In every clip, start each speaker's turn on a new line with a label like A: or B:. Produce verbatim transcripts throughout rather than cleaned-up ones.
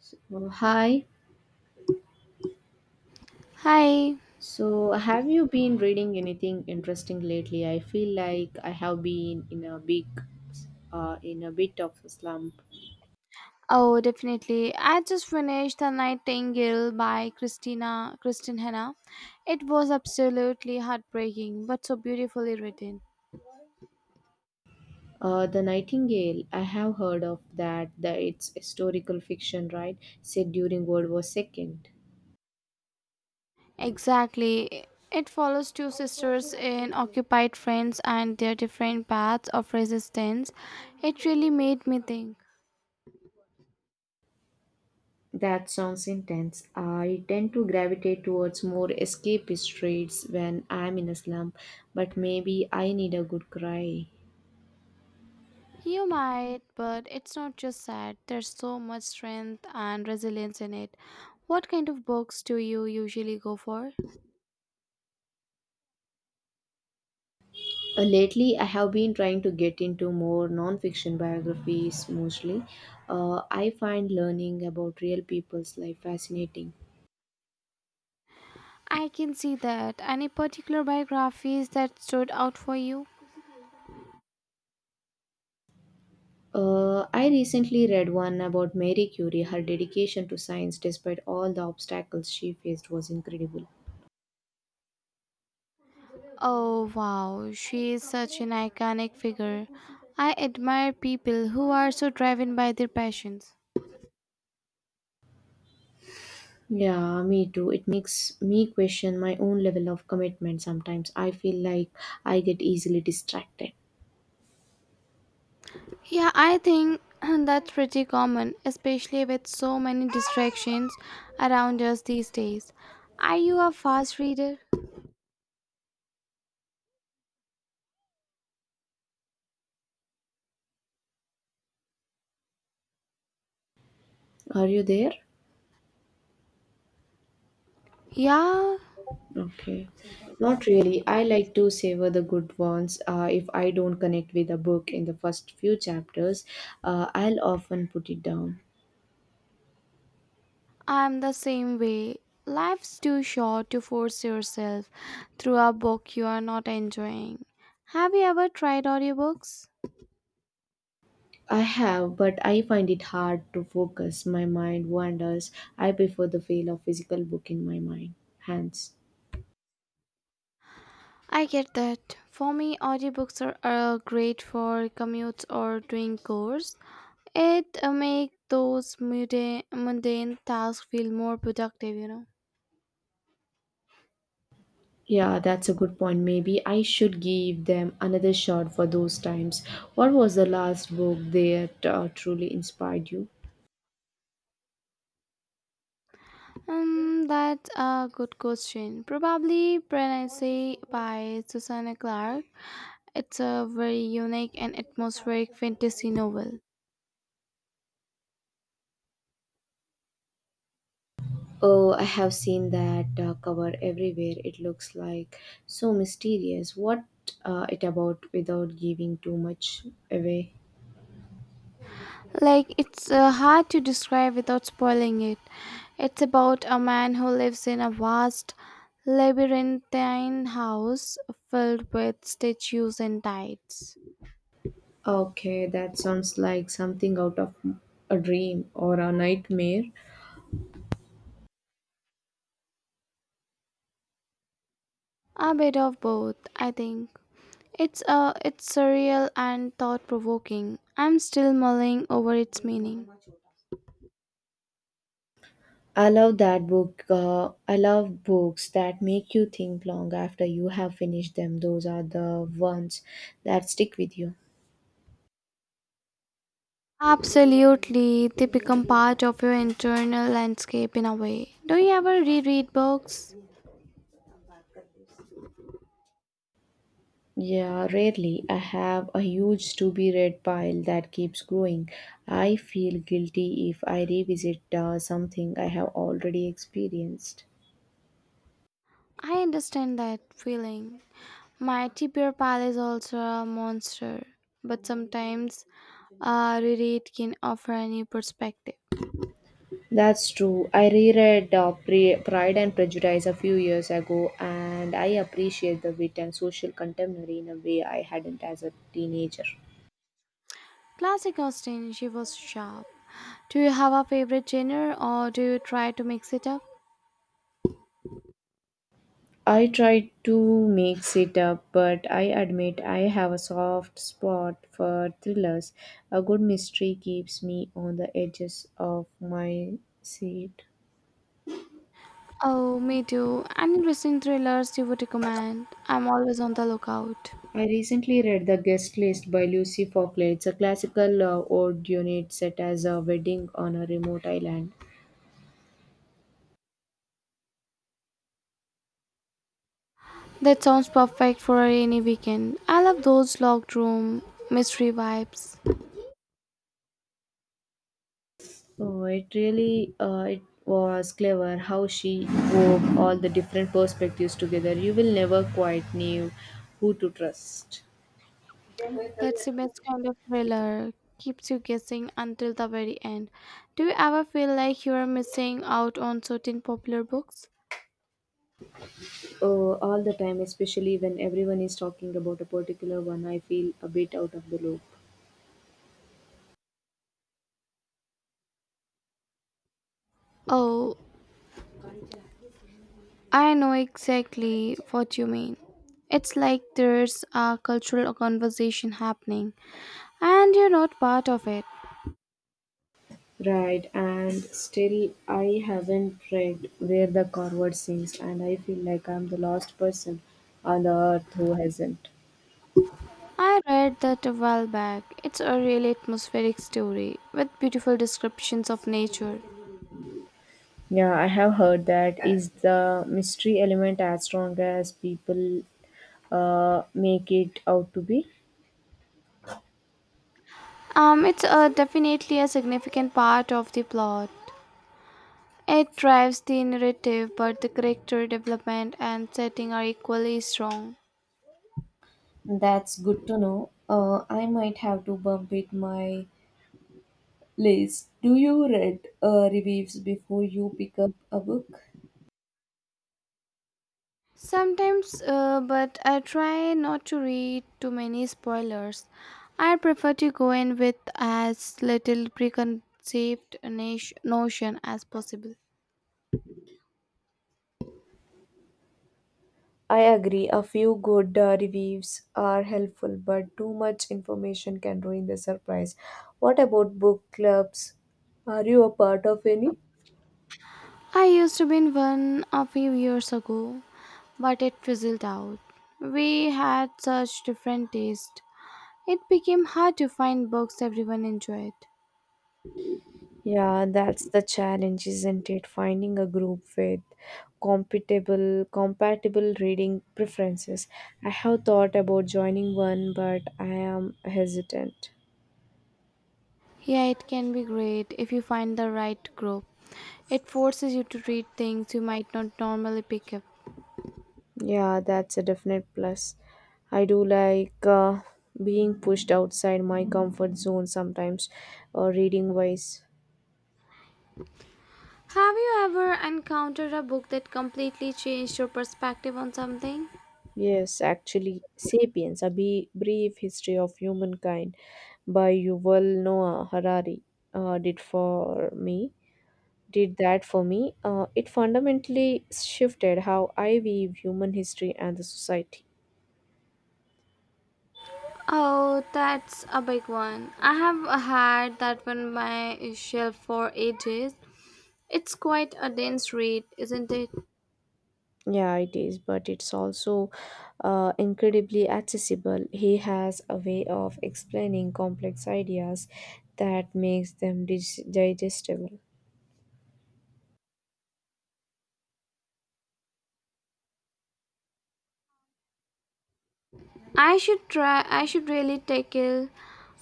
A: So, hi.
B: Hi.
A: So, have you been reading anything interesting lately? I feel like I have been in a big, uh, in a bit of a slump.
B: Oh, definitely. I just finished The Nightingale by Christina Kristin Hanna. It was absolutely heartbreaking, but so beautifully written.
A: Uh, the Nightingale. I have heard of that. That it's historical fiction, right? Set during World War Second.
B: Exactly. It follows two sisters in occupied France and their different paths of resistance. It really made me think.
A: That sounds intense. I tend to gravitate towards more escapist reads when I'm in a slump, but maybe I need a good cry.
B: You might, but it's not just sad. There's so much strength and resilience in it. What kind of books do you usually go for?
A: Uh, lately, I have been trying to get into more non-fiction biographies mostly. Uh, I find learning about real people's life fascinating.
B: I can see that. Any particular biographies that stood out for you?
A: Uh, I recently read one about Marie Curie. Her dedication to science, despite all the obstacles she faced, was incredible.
B: Oh wow, she is such an iconic figure. I admire people who are so driven by their passions.
A: Yeah, me too. It makes me question my own level of commitment sometimes. I feel like I get easily distracted.
B: Yeah, I think that's pretty common, especially with so many distractions around us these days. Are you a fast reader?
A: Are you there?
B: Yeah,
A: Okay. Not really. I like to savor the good ones. Uh, if I don't connect with a book in the first few chapters, uh, I'll often put it down.
B: I'm the same way. Life's too short to force yourself through a book you are not enjoying. Have you ever tried audiobooks?
A: I have, but I find it hard to focus. My mind wanders. I prefer the feel of physical book in my mind. Hands.
B: I get that. For me, audiobooks are, are great for commutes or doing chores. It uh, make those mundane, mundane tasks feel more productive, you know.
A: Yeah, that's a good point. Maybe I should give them another shot for those times. What was the last book that uh, truly inspired you?
B: Um, that's a good question. Probably Pregnancy by Susanna Clark. It's a very unique and atmospheric fantasy novel.
A: Oh, I have seen that uh, cover everywhere. It looks like so mysterious. What uh, it about without giving too much away?
B: Like, it's uh, hard to describe without spoiling it. It's about a man who lives in a vast labyrinthine house filled with statues and tides.
A: Okay, that sounds like something out of a dream or a nightmare.
B: A bit of both, I think. It's uh, it's surreal and thought-provoking. I'm still mulling over its meaning.
A: I love that book. Uh, I love books that make you think long after you have finished them. Those are the ones that stick with you.
B: Absolutely, they become part of your internal landscape in a way. Do you ever reread books?
A: Yeah, rarely. I have a huge to be read pile that keeps growing. I feel guilty if I revisit uh, something I have already experienced.
B: I understand that feeling. My Bear Pal is also a monster, but sometimes a reread can offer a new perspective.
A: That's true. I reread uh, Pre- Pride and Prejudice a few years ago and I appreciate the wit and social contemporary in a way I hadn't as a teenager.
B: Classic Austin, she was sharp. Do you have a favorite genre or do you try to mix it up?
A: I try to mix it up, but I admit I have a soft spot for thrillers. A good mystery keeps me on the edges of my seat.
B: Oh, me too. Any interesting thrillers you would recommend? I'm always on the lookout.
A: I recently read The Guest List by Lucy Faulkner. It's a classical uh, old unit set as a wedding on a remote island.
B: That sounds perfect for any weekend. I love those locked room mystery vibes.
A: Oh, it really uh, it was clever how she wove all the different perspectives together. You will never quite know who to trust.
B: That's the best kind of thriller. Keeps you guessing until the very end. Do you ever feel like you are missing out on certain popular books?
A: Uh, all the time, especially when everyone is talking about a particular one, I feel a bit out of the loop.
B: Oh, I know exactly what you mean. It's like there's a cultural conversation happening, and you're not part of it.
A: Right, and still I haven't read where the Corvard sings, and I feel like I'm the last person on the earth who hasn't.
B: I read that a while back. It's a really atmospheric story with beautiful descriptions of nature.
A: Yeah, I have heard that. Is the mystery element as strong as people uh, make it out to be?
B: Um, it's uh, Definitely a significant part of the plot. It drives the narrative, but the character development and setting are equally strong.
A: That's good to know. Uh, I might have to bump it my Liz, do you read uh, reviews before you pick up a book?
B: Sometimes, uh, but I try not to read too many spoilers. I prefer to go in with as little preconceived nat- notion as possible.
A: I agree, a few good uh, reviews are helpful, but too much information can ruin the surprise. What about book clubs? Are you a part of any?
B: I used to be in one a few years ago, but it fizzled out. We had such different taste. It became hard to find books everyone enjoyed.
A: Yeah, that's the challenge, isn't it? Finding a group with compatible compatible reading preferences. I have thought about joining one, but I am hesitant.
B: Yeah, it can be great if you find the right group. It forces you to read things you might not normally pick up.
A: Yeah, that's a definite plus. I do like uh, being pushed outside my comfort zone sometimes, uh, reading wise.
B: Have you ever encountered a book that completely changed your perspective on something?
A: Yes, actually, Sapiens, a be- brief history of humankind by Yuval Noah Harari, uh, did for me. Did that for me. Uh, it fundamentally shifted how I view human history and the society.
B: Oh, that's a big one. I have had that on my shelf for ages. It's quite a dense read, isn't it?
A: Yeah, it is, but it's also uh, incredibly accessible. He has a way of explaining complex ideas that makes them dig- digestible.
B: I should try I should really tackle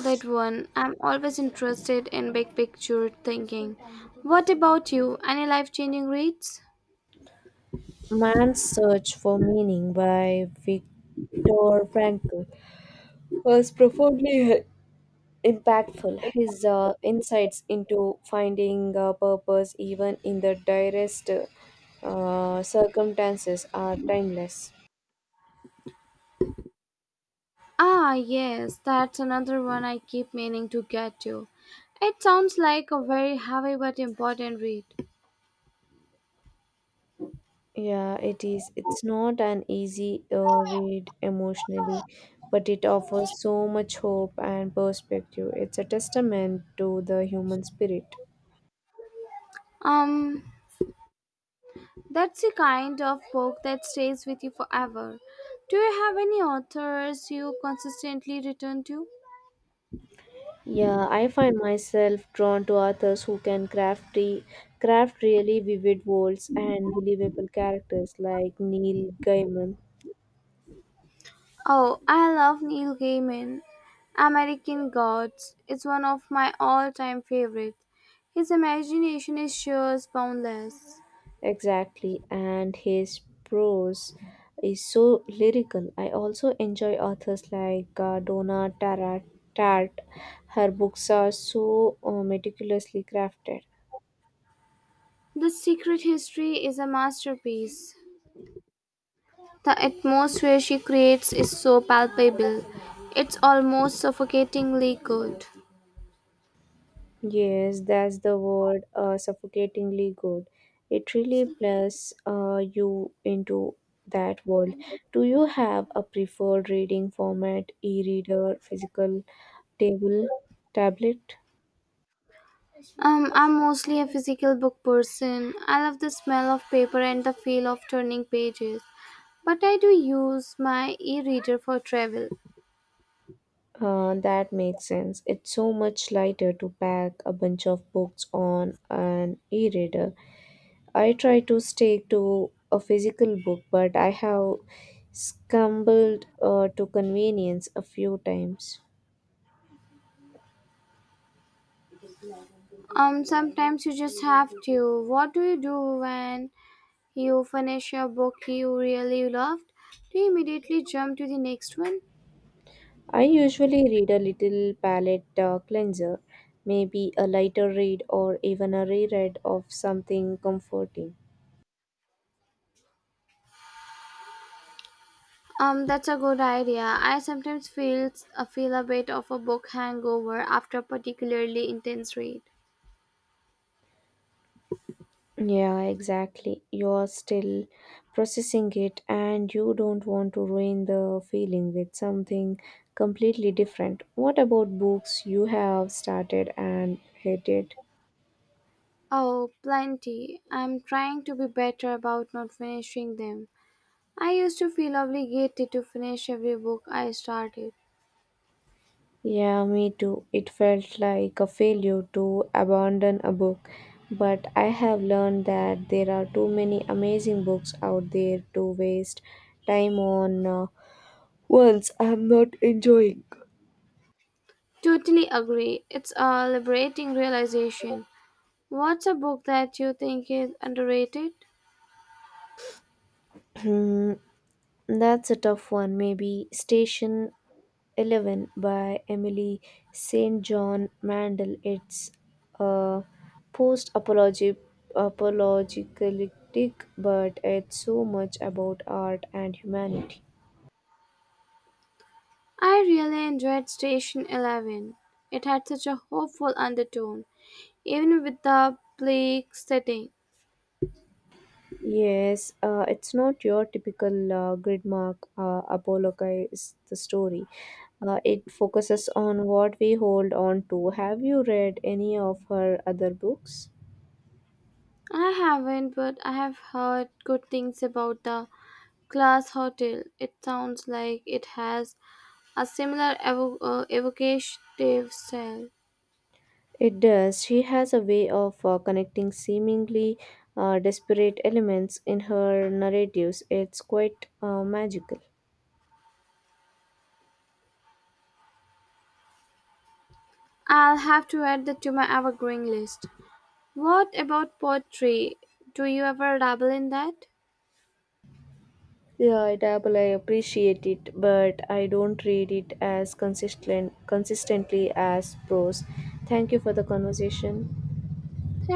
B: that one. I'm always interested in big picture thinking. What about you? Any life changing reads?
A: Man's Search for Meaning by Viktor Frankl was profoundly uh, impactful. His uh, insights into finding uh, purpose, even in the direst uh, circumstances, are timeless.
B: Ah yes, that's another one I keep meaning to get to. It sounds like a very heavy but important read.
A: Yeah, it is. It's not an easy uh, read emotionally, but it offers so much hope and perspective. It's a testament to the human spirit.
B: Um that's the kind of book that stays with you forever. Do you have any authors you consistently return to?
A: Yeah, I find myself drawn to authors who can craft re- craft really vivid worlds and believable characters like Neil Gaiman.
B: Oh, I love Neil Gaiman. American Gods is one of my all time favorites. His imagination is sure as boundless.
A: Exactly, and his prose is so lyrical. I also enjoy authors like uh, Donna Tara- Tartt. Her books are so uh, meticulously crafted.
B: The Secret History is a masterpiece. The atmosphere she creates is so palpable. It's almost suffocatingly good.
A: Yes, that's the word, uh, suffocatingly good. It really bless uh, you into that world. Do you have a preferred reading format, e-reader, physical table, tablet?
B: Um, I'm mostly a physical book person. I love the smell of paper and the feel of turning pages. But I do use my e reader for travel.
A: Uh, that makes sense. It's so much lighter to pack a bunch of books on an e reader. I try to stick to a physical book, but I have scrambled uh, to convenience a few times.
B: Um, sometimes you just have to. What do you do when you finish a book you really loved? Do you immediately jump to the next one?
A: I usually read a little palette uh, cleanser, maybe a lighter read or even a reread of something comforting.
B: Um, that's a good idea. I sometimes feel uh, feel a bit of a book hangover after a particularly intense read.
A: Yeah, exactly. You're still processing it and you don't want to ruin the feeling with something completely different. What about books you have started and hated?
B: Oh, plenty. I'm trying to be better about not finishing them. I used to feel obligated to finish every book I started.
A: Yeah, me too. It felt like a failure to abandon a book, but I have learned that there are too many amazing books out there to waste time on uh, ones I'm not enjoying.
B: Totally agree. It's a liberating realization. What's a book that you think is underrated?
A: That's a tough one. Maybe Station eleven by Emily Saint John Mandel. It's a post apologetic, but it's so much about art and humanity.
B: I really enjoyed Station eleven. It had such a hopeful undertone, even with the bleak setting.
A: Yes, uh, it's not your typical uh, gridmark uh, apologise the story. Uh, it focuses on what we hold on to. Have you read any of her other books?
B: I haven't, but I have heard good things about the Glass Hotel. It sounds like it has a similar evo- uh, evocative style.
A: It does. She has a way of uh, connecting seemingly uh, disparate elements in her narratives. It's quite uh, magical.
B: I'll have to add that to my evergreen list. What about poetry? Do you ever dabble in that?
A: Yeah, it dabble. I appreciate it, but I don't read it as consistent consistently as prose. Thank you for the conversation.